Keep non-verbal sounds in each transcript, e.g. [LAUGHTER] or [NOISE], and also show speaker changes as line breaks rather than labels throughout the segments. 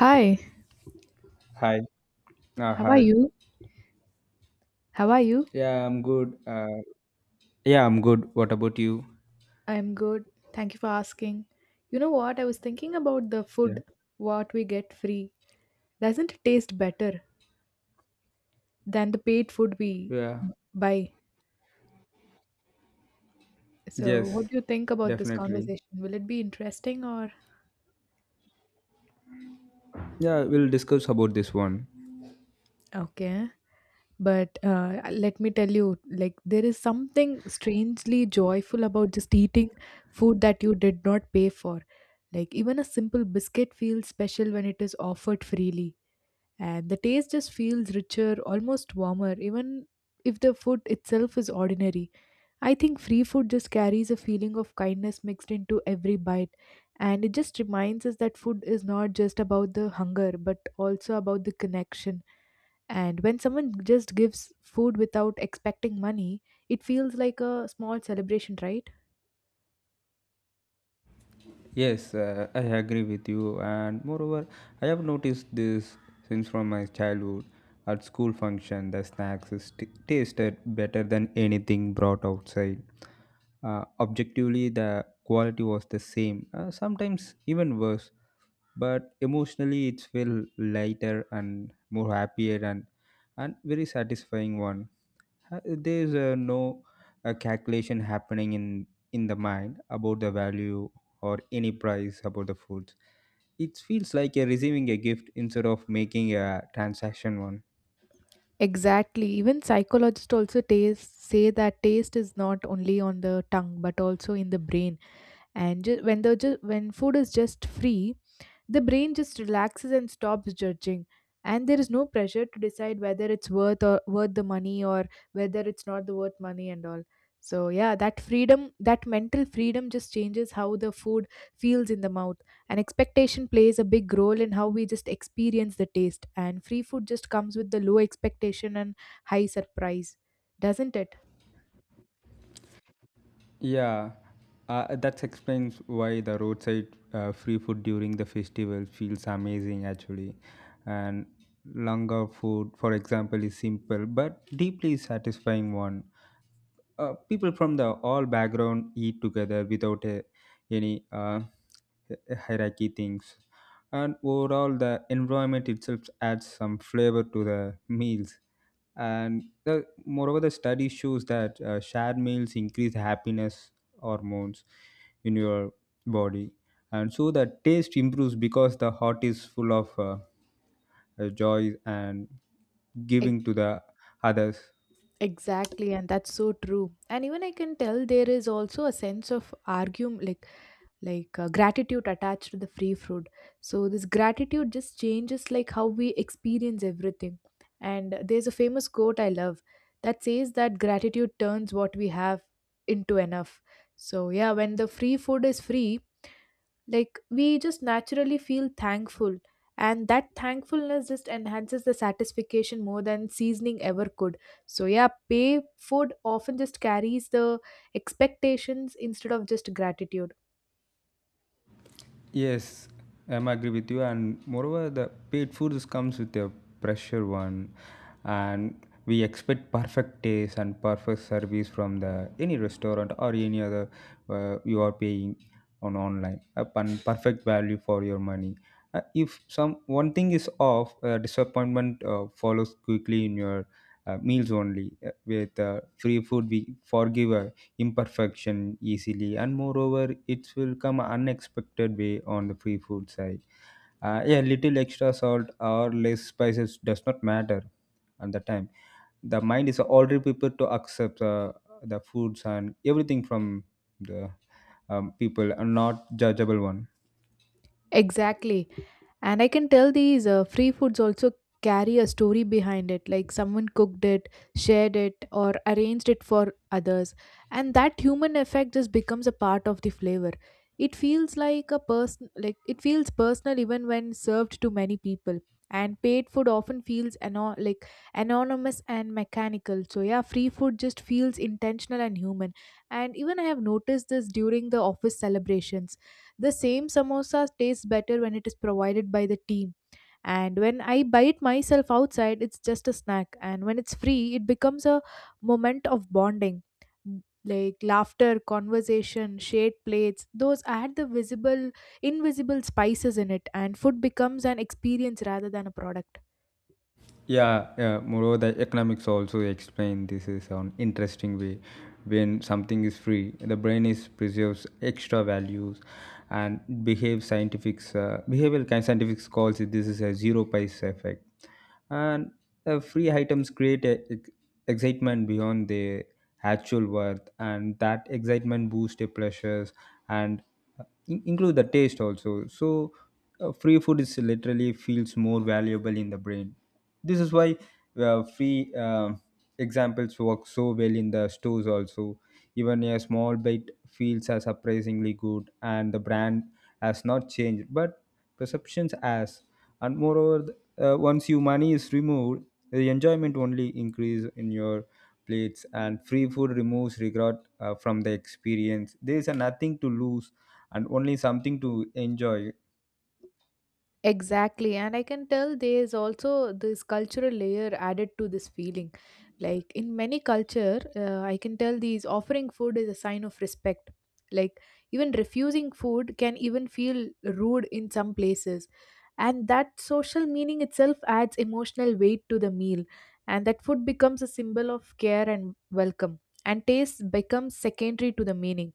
Hi,
Hi. Uh,
how are
hi.
you? How are you?
Yeah, I'm good. Uh, yeah, I'm good. What about you?
I'm good. Thank you for asking. You know what? I was thinking about the
Yeah.
food, what we get free. Doesn't it taste better than the paid food we
Yeah.
buy? So, what
Yes,
do you think about this
definitely.
conversation? Will it be interesting or
Yeah, we'll discuss about this one.
okay? But let me tell you, like, there is something strangely joyful about just eating food that you did not pay for. Like, even a simple biscuit feels special when it is offered freely and the taste just feels richer, almost warmer, even if the food itself is ordinary. I think free food just carries a feeling of kindness mixed into every bite, and it just reminds us that food is not just about the hunger but also about the connection. And when someone just gives food without expecting money, it feels like a small celebration, right?
Yes, I agree with you, and moreover, I have noticed this since from my childhood. At school function, the snacks is tasted better than anything brought outside. Objectively, the quality was the same, sometimes even worse. But emotionally, it felt lighter and more happier and very satisfying one. There's no calculation happening in the mind about the value or any price about the foods. It feels like you're receiving a gift instead of making a transaction one.
Exactly. Even psychologists also taste, say that taste is not only on the tongue but also in the brain and when food is just free, the brain just relaxes and stops judging, and there is no pressure to decide whether it's worth or worth the money or whether it's not the worth money and all. So yeah, that freedom, that mental freedom just changes how the food feels in the mouth, and expectation plays a big role in how we just experience the taste, and free food just comes with the low expectation and high surprise, doesn't it?
Yeah, that explains why the roadside free food during the festival feels amazing actually. And langar food, for example, is simple but deeply satisfying one. People from the all background eat together without any hierarchy things, and overall the environment itself adds some flavor to the meals and moreover the study shows that shared meals increase happiness hormones in your body, and so the taste improves because the heart is full of joy and giving to the others.
Exactly, and that's so true. And even I can tell there is also a sense of argum like gratitude attached to the free food. So this gratitude just changes like how we experience everything. And there's a famous quote I love that says that gratitude turns what we have into enough. So yeah, when the free food is free, like we just naturally feel thankful, and that thankfulness just enhances the satisfaction more than seasoning ever could. So yeah, pay food often just carries the expectations instead of just gratitude.
Yes, I'm agree with you. And moreover, the paid foods comes with a pressure one, and we expect perfect taste and perfect service from the any restaurant or any other you are paying on online. Upon perfect value for your money. If some one thing is off, disappointment follows quickly in your meals only with free food we forgive imperfection easily, and moreover it will come unexpected way on the free food side. Yeah, little extra salt or less spices does not matter. At the time, the mind is already prepared to accept the foods and everything from the people and not judgeable one.
Exactly. And I can tell these free foods also carry a story behind it, like someone cooked it, shared it, or arranged it for others. And that human effect just becomes a part of the flavor. It feels like a person, like it feels personal even when served to many people. And paid food often feels like anonymous and mechanical. So yeah, free food just feels intentional and human. And even I have noticed this during the office celebrations, the same samosa tastes better when it is provided by the team. And when I buy it myself outside, it's just a snack. And when it's free, it becomes a moment of bonding. Like laughter, conversation, shared plates, those add the visible, invisible spices in it, and food becomes an experience rather than a product.
Yeah, yeah, moreover the economics also explain this is an interesting way. When something is free, the brain is preserves extra values, and behave scientifics, behavioral kind scientifics calls it, this is a zero price effect. And free items create excitement beyond their actual worth, and that excitement boosts their pleasures and include the taste also. So free food is literally feels more valuable in the brain. This is why free examples work so well in the stores also. Even a small bite feels as surprisingly good, and the brand has not changed, but perceptions has. And moreover, once your money is removed, the enjoyment only increase in your plates, and free food removes regret from the experience. There is a nothing to lose and only something to enjoy.
Exactly, and I can tell there's also this cultural layer added to this feeling. Like in many culture, I can tell these offering food is a sign of respect. Like even refusing food can even feel rude in some places, and that social meaning itself adds emotional weight to the meal, and that food becomes a symbol of care and welcome, and taste becomes secondary to the meaning.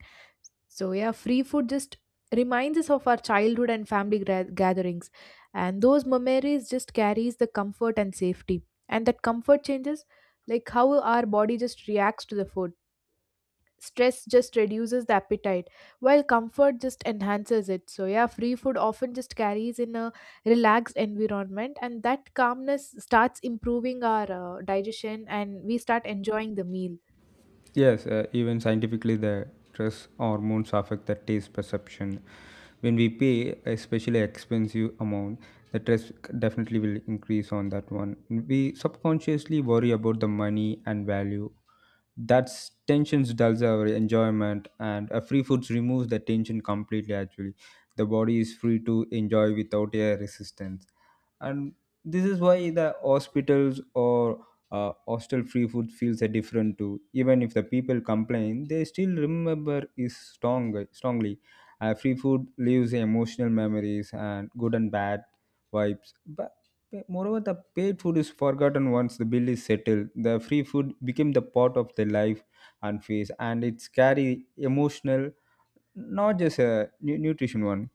So, yeah, free food just reminds us of our childhood and family gatherings. And those memories just carries the comfort and safety. And that comfort changes like how our body just reacts to the food. Stress just reduces the appetite, while comfort just enhances it. So, yeah, free food often just carries in a relaxed environment, and that calmness starts improving our digestion and we start enjoying the meal.
Yes, even scientifically, the stress hormones affect the taste perception. When we pay especially expensive amount, the stress definitely will increase on that one. We subconsciously worry about the money and value. That tensions dulls our enjoyment, and free foods removes the tension completely. Actually, the body is free to enjoy without a resistance, and this is why the hospitals or hostel free food feels a different too. Even if the people complain, they still remember is strongly. Free food leaves emotional memories and good and bad vibes, but moreover the paid food is forgotten once the bill is settled. The free food became the part of the life and phase, and it's carry emotional, not just a nutrition one.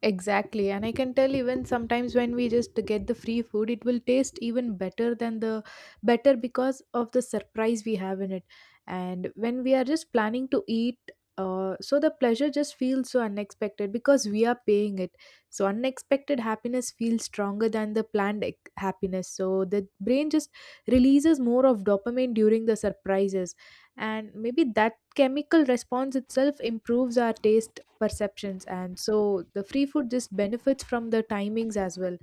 Exactly, and I can tell even sometimes when we just get the free food, it will taste even better than the better because of the surprise we have in it. And when we are just planning to eat, so the pleasure just feels so unexpected because we are paying it. So unexpected happiness feels stronger than the planned happiness. So the brain just releases more of dopamine during the surprises, and maybe that chemical response itself improves our taste perceptions, and so the free food just benefits from the timings as well.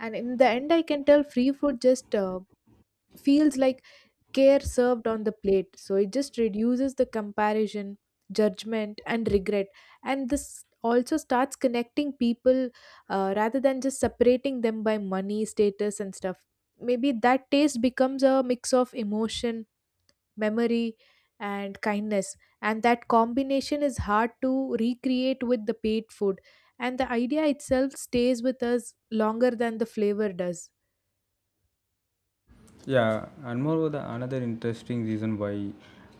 And in the end, I can tell free food just feels like care served on the plate, so it just reduces the comparison, judgment and regret, and this also starts connecting people, rather than just separating them by money status and stuff. Maybe that taste becomes a mix of emotion, memory and kindness, and that combination is hard to recreate with the paid food, and the idea itself stays with us longer than the flavor does.
Yeah, and moreover, the another interesting reason why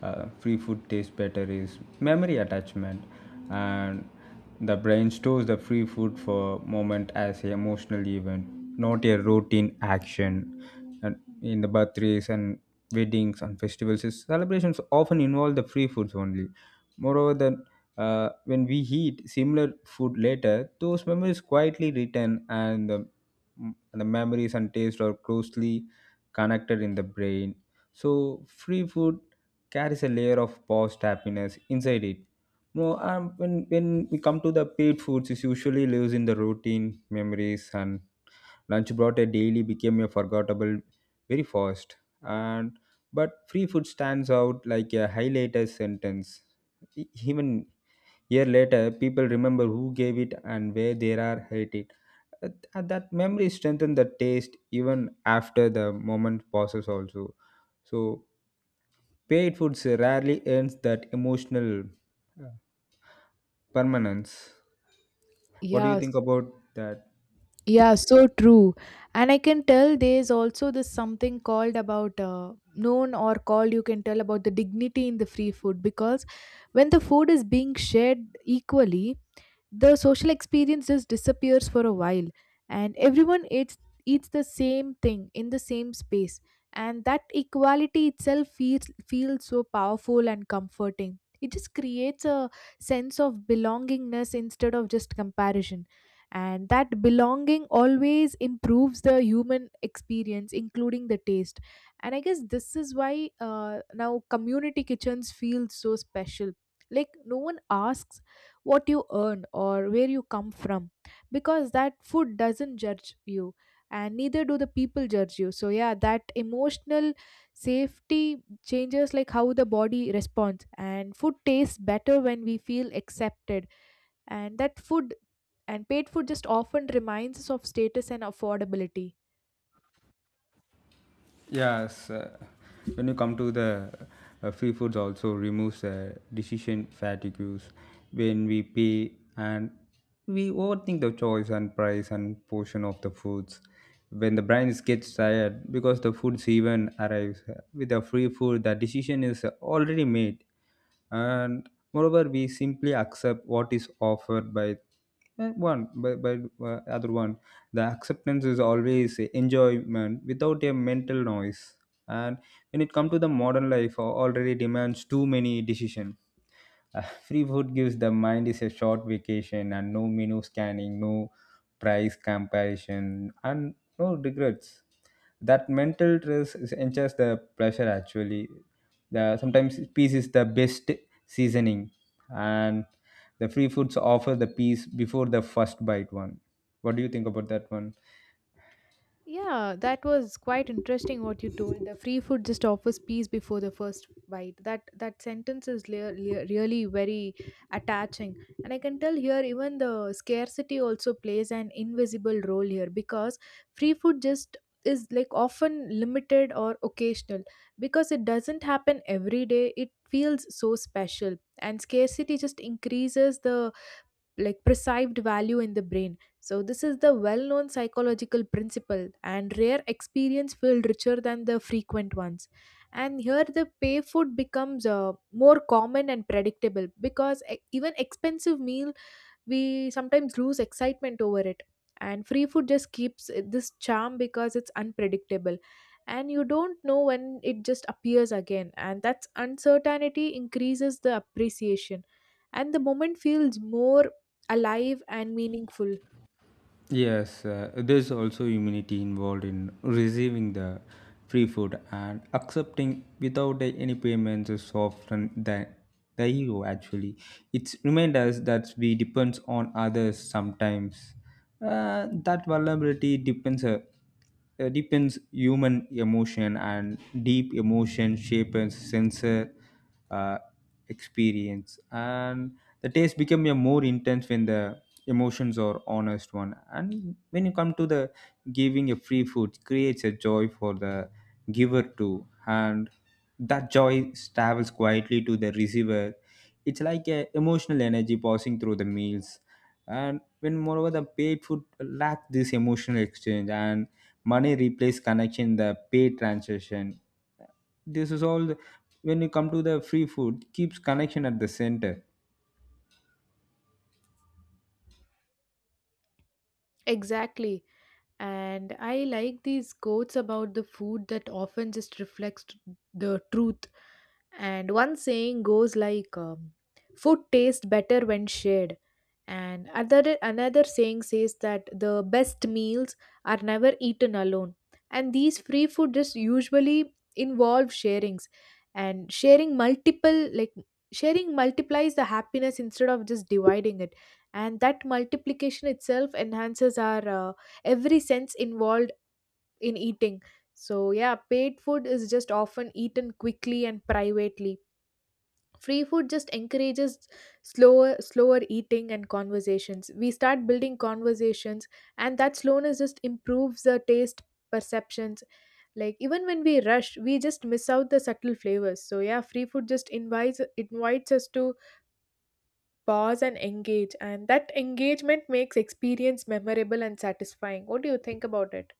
free food tastes better is memory attachment, and the brain stores the free food for moment as an emotional event, not a routine action. And in the birthdays and weddings and festivals, celebrations often involve the free foods only. Moreover, the when we eat similar food later, those memories quietly return, and the memories and taste are closely connected in the brain. So free food carries a layer of past happiness inside it. No, when we come to the paid foods, it usually lives in the routine, memories, and lunch brought a daily became a forgettable very fast. And but free food stands out like a highlighted sentence. Even year later, people remember who gave it and where they are at it. That memory strengthen the taste even after the moment passes also. So paid foods rarely earns that emotional permanence. What do you
yeah
think
s-
about that?
yeah, so true. And I can tell there's also this something called about known or called, you can tell about the dignity in the free food, because when the food is being shared equally, the social experience just disappears for a while, and everyone eats the same thing in the same space, and that equality itself feels so powerful and comforting. It just creates a sense of belongingness instead of just comparison, and that belonging always improves the human experience including the taste. And I guess this is why now community kitchens feel so special. Like no one asks what you earn or where you come from, because that food doesn't judge you, and neither do the people judge you. So yeah, that emotional safety changes like how the body responds, and food tastes better when we feel accepted. And that food and paid food just often reminds us of status and affordability.
Yes, when you come to the free foods, also removes decision fatigues. When we pay and we overthink the choice and price and portion of the foods. When the brain gets tired because the foods even arrives with the free food, the decision is already made, and moreover we simply accept what is offered by by other one. The acceptance is always a enjoyment without a mental noise. And when it comes to the modern life, already demands too many decision. Free food gives the mind is a short vacation, and no menu scanning, no price comparison, and no regrets. That mental stress enhances the pleasure actually. The sometimes peace is the best seasoning, and the free foods offer the peace before the first bite one. What do you think about that one?
Yeah, that was quite interesting what you told. The free food just offers peace before the first bite. That that sentence is really very attaching, and I can tell here even the scarcity also plays an invisible role here, because free food just is like often limited or occasional because it doesn't happen every day. It feels so special, and scarcity just increases the like perceived value in the brain. So this is the well known psychological principle, and rare experience feel richer than the frequent ones. And here the pay food becomes more common and predictable, because even expensive meals we sometimes lose excitement over it, and free food just keeps this charm because it's unpredictable, and you don't know when it just appears again, and that's uncertainty increases the appreciation and the moment feels more alive and meaningful.
Yes, there's also immunity involved in receiving the free food, and accepting without any payments is often the ego actually. It's remind us that we depends on others sometimes. That vulnerability depends. Deepens human emotion, and deep emotion shapes sensor uh, experience, and the taste become a more intense when the emotions are honest one. And when you come to the giving a free food creates a joy for the giver too, and that joy travels quietly to the receiver. It's like a emotional energy passing through the meals. And when moreover the paid food lack this emotional exchange, and money replace connection the pay transaction, this is all when you come to the free food keeps connection at the center.
Exactly, and I like these quotes about the food that often just reflects the truth. And one saying goes like, "Food tastes better when shared." And other another saying says that the best meals are never eaten alone. And these free food just usually involve sharings, and sharing multiple like sharing multiplies the happiness instead of just dividing it. And that multiplication itself enhances our every sense involved in eating. So yeah, paid food is just often eaten quickly and privately. Free food just encourages slower eating and conversations. We start building conversations, and that slowness just improves the taste perceptions. Like even when we rush, we just miss out the subtle flavors. So yeah, free food just invites us to pause and engage, and that engagement makes experience memorable and satisfying. What do you think about it?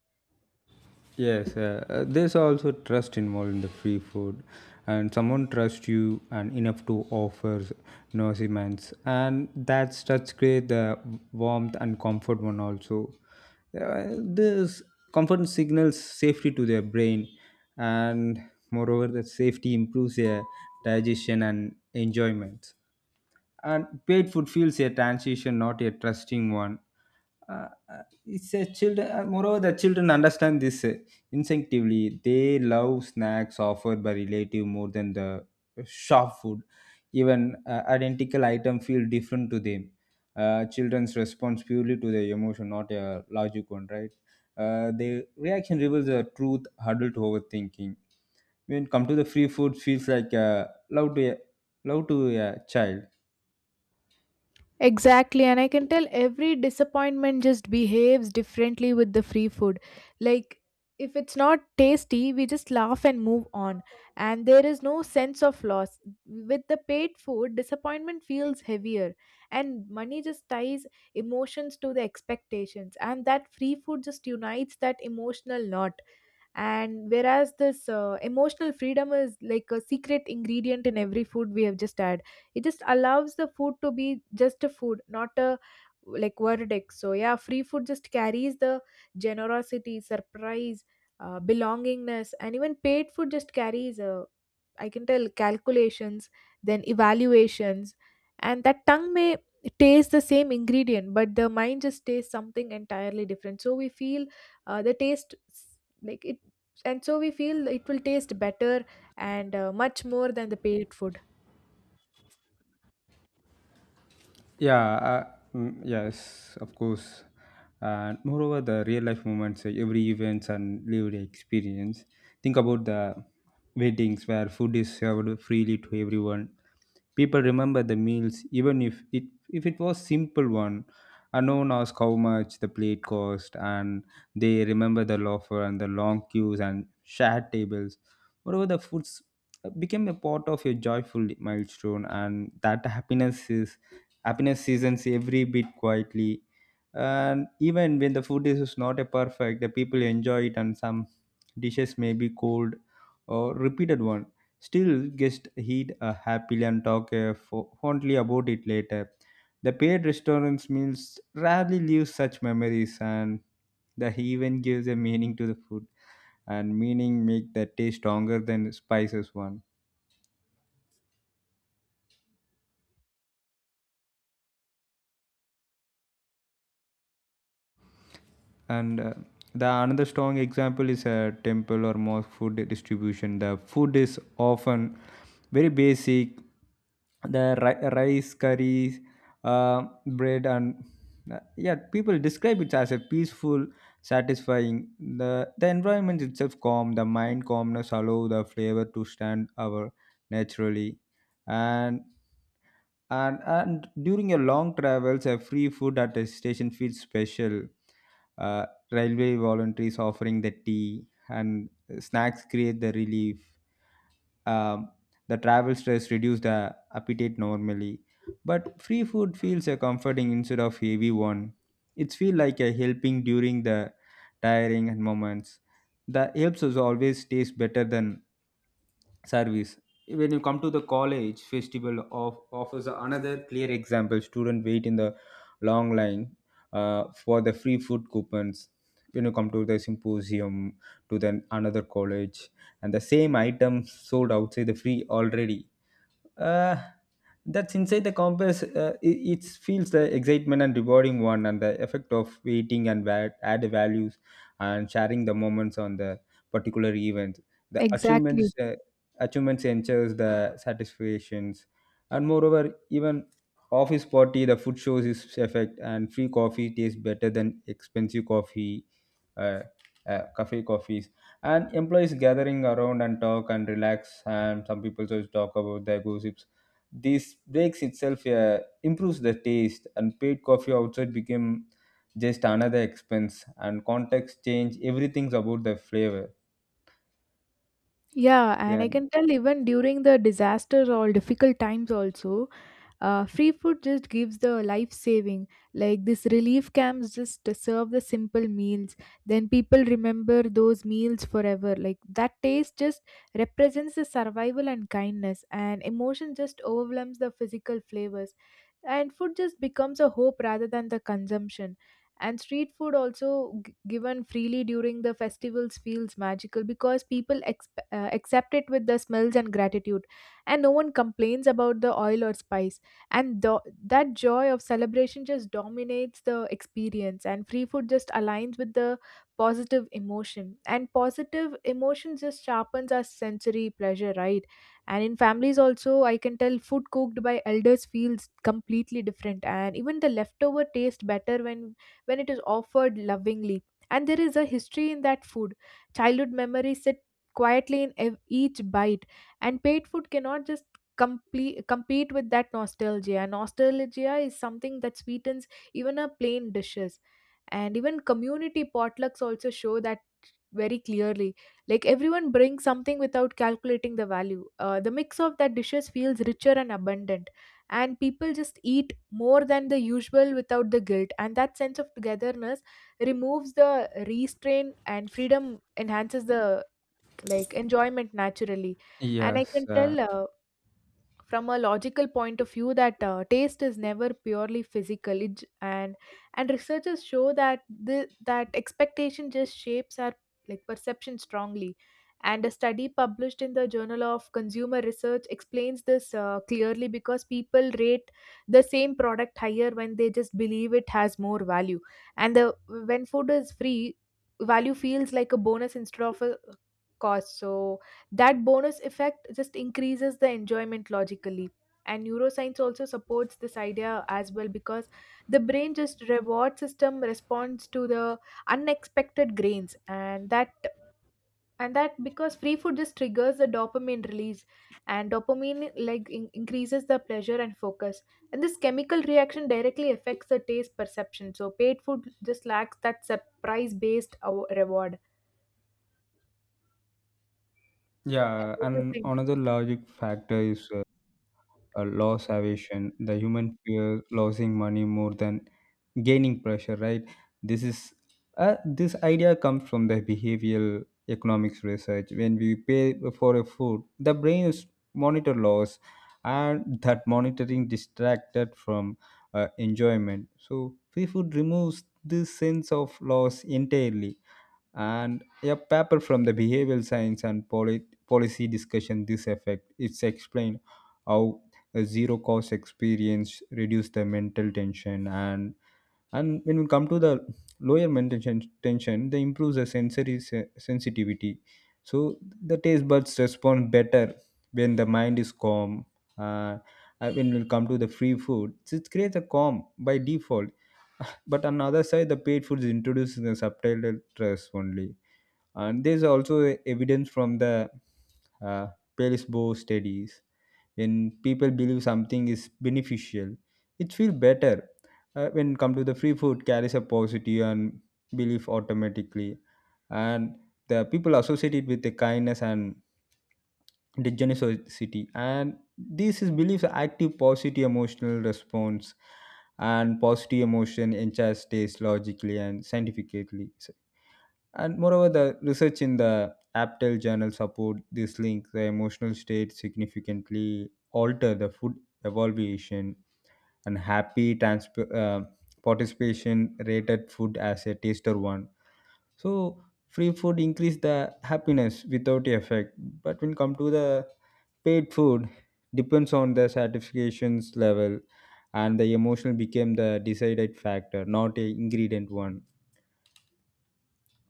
Yes, there's also trust involved in the free food, and someone trusts you and enough to offer nourishments, and that's create the warmth and comfort one also. This comfort signals safety to their brain, and moreover that safety improves their digestion and enjoyment. And paid food feels a transition, not a trusting one. It's a children. Moreover, the children understand this instinctively. They love snacks offered by relative more than the shop food. Even identical item feel different to them. Children's response purely to the emotion, not a logic one, right? The reaction reveals the truth huddled to overthinking. When come to the free food feels like love to a child.
Exactly, and I can tell every disappointment just behaves differently with the free food. Like, if it's not tasty, we just laugh and move on, and there is no sense of loss. With the paid food, disappointment feels heavier, and money just ties emotions to the expectations, and that free food just unites that emotional knot. And whereas this emotional freedom is like a secret ingredient in every food we have just had, it just allows the food to be just a food, not a like verdict. So yeah, free food just carries the generosity, surprise, belongingness, and even paid food just carries a, I can tell, calculations, then evaluations, and that tongue may taste the same ingredient, but the mind just tastes something entirely different. So we feel the taste like it, and so we feel it will taste better and much more than the paid food.
Yeah, yes, of course. And moreover, the real life moments, every events and lived experience. Think about the weddings where food is served freely to everyone. People remember the meals, even if it was simple one. And no one asked how much the plate cost, and they remember the laughter and the long queues and shared tables. Moreover, the foods became a part of your joyful milestone, and that happiness is happiness seasons every bit quietly. And even when the food is not a perfect, the people enjoy it, and some dishes may be cold or repeated one. Still, guests eat happily and talk fondly about it later. The paid restaurants meals rarely leave such memories, and the event gives a meaning to the food, and meaning make the taste stronger than spices one. And the another strong example is a temple or mosque food distribution. The food is often very basic, the rice curries, bread, and yeah, people describe it as a peaceful satisfying. The environment itself calm the mind, calmness allow the flavor to stand out naturally. And and and during your long travels, a free food at a station feels special. uh, Railway volunteers offering the tea and snacks create the relief. um, the travel stress reduces the appetite normally, but free food feels a comforting instead of heavy one. It feels like a helping during the tiring and moments. The helps us always taste better than service. When you come to the college festival of offers another clear example. Student wait in the long line for the free food coupons. When you come to the symposium, to then another college, and the same item sold outside the free already. Uh, that's inside the compass. It, it feels the excitement and rewarding one, and the effect of waiting and add values and sharing the moments on the particular event. The achievements,
Exactly.
achievements ensures the satisfactions, and moreover, even office party, the food shows its effect, and free coffee tastes better than expensive coffee. Uh, cafe coffees and employees gathering around and talk and relax, and some people just talk about their gossips. This breaks itself, improves the taste, and paid coffee outside became just another expense, and context change everything's about the flavor.
Yeah, and
Yeah.
I can tell, even during the disasters or difficult times also, free food just gives the life saving. Like this relief camps just serve the simple meals, then people remember those meals forever, like that taste just represents the survival and kindness, and emotion just overwhelms the physical flavors, and food just becomes a hope rather than the consumption. And street food also given freely during the festivals feels magical because people accept it with the smells and gratitude, and no one complains about the oil or spice, and that joy of celebration just dominates the experience, and free food just aligns with the positive emotion, and positive emotion just sharpens our sensory pleasure, right? And in families also, I can tell, food cooked by elders feels completely different, and even the leftover taste better when it is offered lovingly. And there is a history in that food. Childhood memories sit quietly in each bite, and paid food cannot just complete compete with that nostalgia, and nostalgia is something that sweetens even a plain dishes. And even community potlucks also show that very clearly. Like, everyone brings something without calculating the value. The mix of that dishes feels richer and abundant, and people just eat more than the usual without the guilt. And that sense of togetherness removes the restraint, and freedom enhances the, like, enjoyment naturally. And I
Yes.
can tell, from a logical point of view that taste is never purely physical, it, and researchers show that that expectation just shapes our, like, perception strongly. And a study published in the Journal of Consumer Research explains this clearly because people rate the same product higher when they just believe it has more value. And the when food is free, value feels like a bonus instead of a cost, so that bonus effect just increases the enjoyment logically. And neuroscience also supports this idea as well, because the brain just reward system responds to the unexpected grains, and that because free food just triggers the dopamine release, and dopamine, like, increases the pleasure and focus, and this chemical reaction directly affects the taste perception. So paid food just lacks that surprise based reward. And
Yeah,
what do you
and
think?
another logic factor is, loss aversion. The human fear losing money more than gaining pressure, right? This is, this idea comes from the behavioral economics research. When we pay for a food, the brain is monitor loss, and that monitoring distracted from enjoyment. So free food removes this sense of loss entirely, and a paper from the behavioral science and poli- policy discussion this effect it's explained how a zero cost experience reduce the mental tension, and when we come to the lower mental tension, tension they improves the sensory se- sensitivity, so the taste buds respond better when the mind is calm. uh, when we come to the free food, so it creates a calm by default, but on the other side, the paid foods introduce the subtitled dress only. And there's also e-, evidence from the uh, Palesbo studies. When people believe something is beneficial, it feels better. When come to the free food, carries a positive and belief automatically. And the people associate it with the kindness and degeneration, and this is beliefs are active positive emotional response, and positive emotion enchants taste logically and scientifically. So- and moreover, the research in the aptel journal support this link, the emotional state significantly alter the food evaluation, and happy transp- participation rated food as a taster one. So free food increase the happiness without effect, but when come to the paid food, depends on the satisfactions level, and the emotional became the decided factor, not a ingredient one.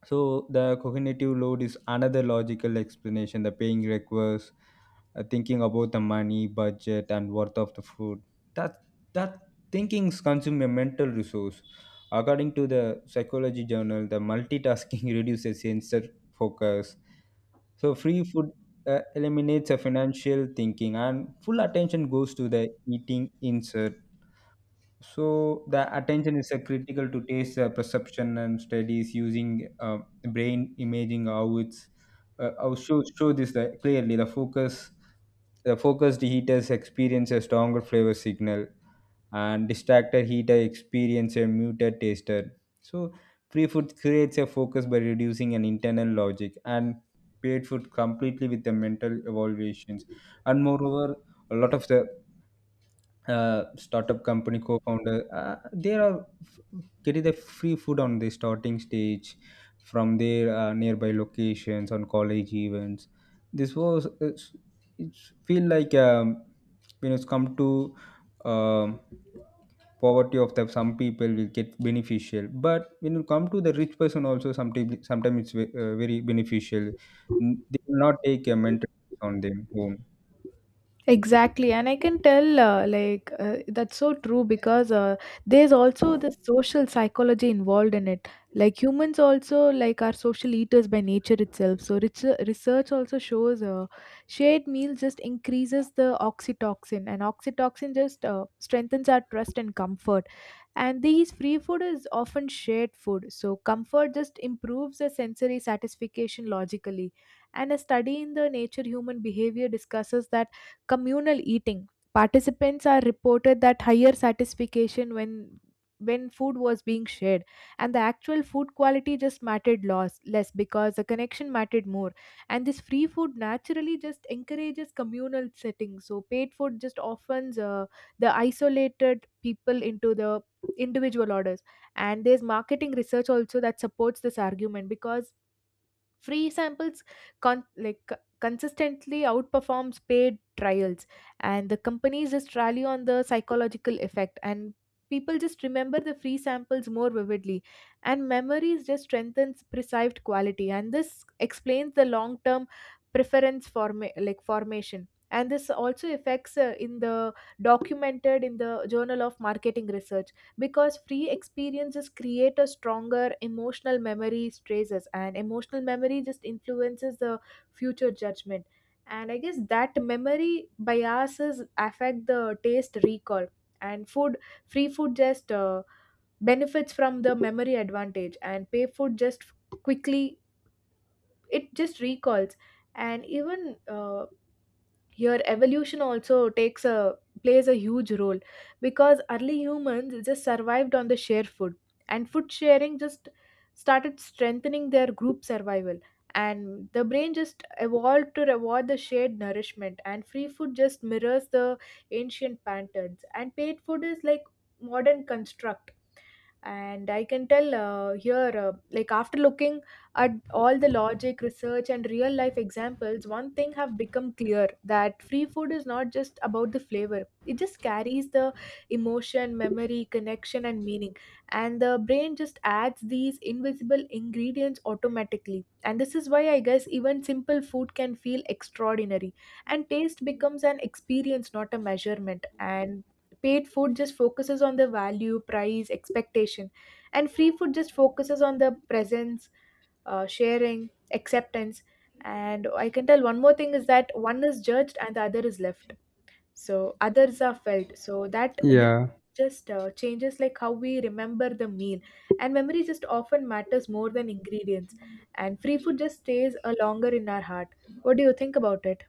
So the cognitive load is another logical explanation. The paying requires thinking about the money, budget, and worth of the food. That that thinkings consume a mental resource. According to the psychology journal, the multitasking [LAUGHS] reduces sensor focus. So free food eliminates a financial thinking, and full attention goes to the eating insert, so the attention is, critical to taste, perception, and studies using, brain imaging. How it's, I'll show this, clearly. The focused heaters experience a stronger flavor signal, and distracted heater experience a muted taster. So free food creates a focus by reducing an internal logic, and paid food completely with the mental evaluations. And moreover, a lot of the startup company co-founder, they are f- getting the free food on the starting stage from their nearby locations on college events. This was it's feel like when it's come to um, poverty of the some people will get beneficial, but when you come to the rich person also, sometimes it's ve- very beneficial. N- they will not take a mental on them home.
Exactly, and I can tell, like, that's so true, because there's also the social psychology involved in it. Like, humans also, like, are social eaters by nature itself. So, rich, research also shows shared meals just increases the oxytocin, and oxytocin just strengthens our trust and comfort. And these free food is often shared food, so comfort just improves the sensory satisfaction logically. And a study in the Nature Human Behavior discusses that communal eating. Participants are reported that higher satisfaction when food was being shared, and the actual food quality just mattered loss less because the connection mattered more, and this free food naturally just encourages communal settings. So paid food just often, the isolated people into the individual orders. And there's marketing research also that supports this argument, because free samples consistently outperforms paid trials, and the companies just rally on the psychological effect, and people just remember the free samples more vividly, and memories just strengthens perceived quality, and this explains the long term preference formation. And this also affects in the documented in the Journal of Marketing Research, because free experiences create a stronger emotional memory traces, and emotional memory just influences the future judgment, and I guess that memory biases affect the taste recall. And food free food just benefits from the memory advantage, and pay food just quickly it just recalls. And even your evolution also takes a plays a huge role, because early humans just survived on the shared food, and food sharing just started strengthening their group survival, and the brain just evolved to reward the shared nourishment, and free food just mirrors the ancient patterns, and paid food is like modern construct. And I can tell, here, like, after looking at all the logic research and real life examples, one thing have become clear, that free food is not just about the flavor, it just carries the emotion, memory, connection and meaning, and the brain just adds these invisible ingredients automatically. And this is why I guess even simple food can feel extraordinary, and taste becomes an experience, not a measurement. And paid food just focuses on the value, price, expectation, and free food just focuses on the presence, sharing, acceptance. And I can tell one more thing is that, one is judged and the other is left, so others are felt. So that difference
Yeah.
just changes, like, how we remember the meal, and memory just often matters more than ingredients, and free food just stays a longer in our heart. What do you think about it?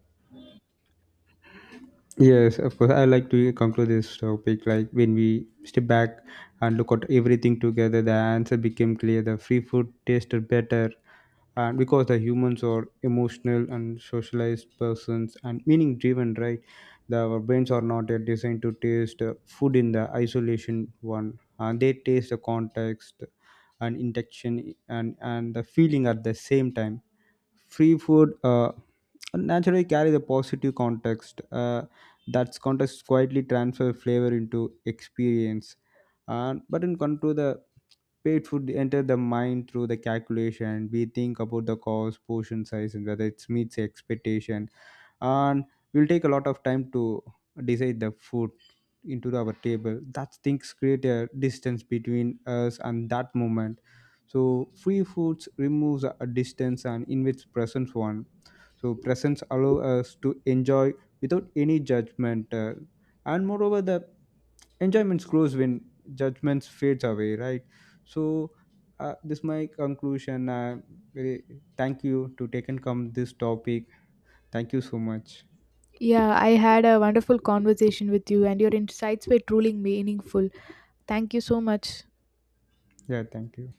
Yes, of course. I like to conclude this topic. Like when we step back and look at everything together, the answer became clear. The free food tasted better, and because the humans are emotional and socialized persons and meaning driven, right? The, our brains are not yet designed to taste food in the isolation one, and they taste the context and intention and the feeling at the same time. Free food, naturally carry the positive context. That context quietly transfer flavor into experience. And but in come to the paid food enter the mind through the calculation. We think about the cost, portion size, and whether it meets expectation. And we'll take a lot of time to decide the food into our table. That things create a distance between us and that moment. So free foods removes a distance and invites presence one, so presence allow us to enjoy without any judgment, and moreover, the enjoyment grows when judgments fades away, right? So, this my conclusion. Very thank you to take and come this topic. Thank you so much.
Yeah, I had a wonderful conversation with you, and your insights were truly meaningful. Thank you so much.
Yeah, thank you.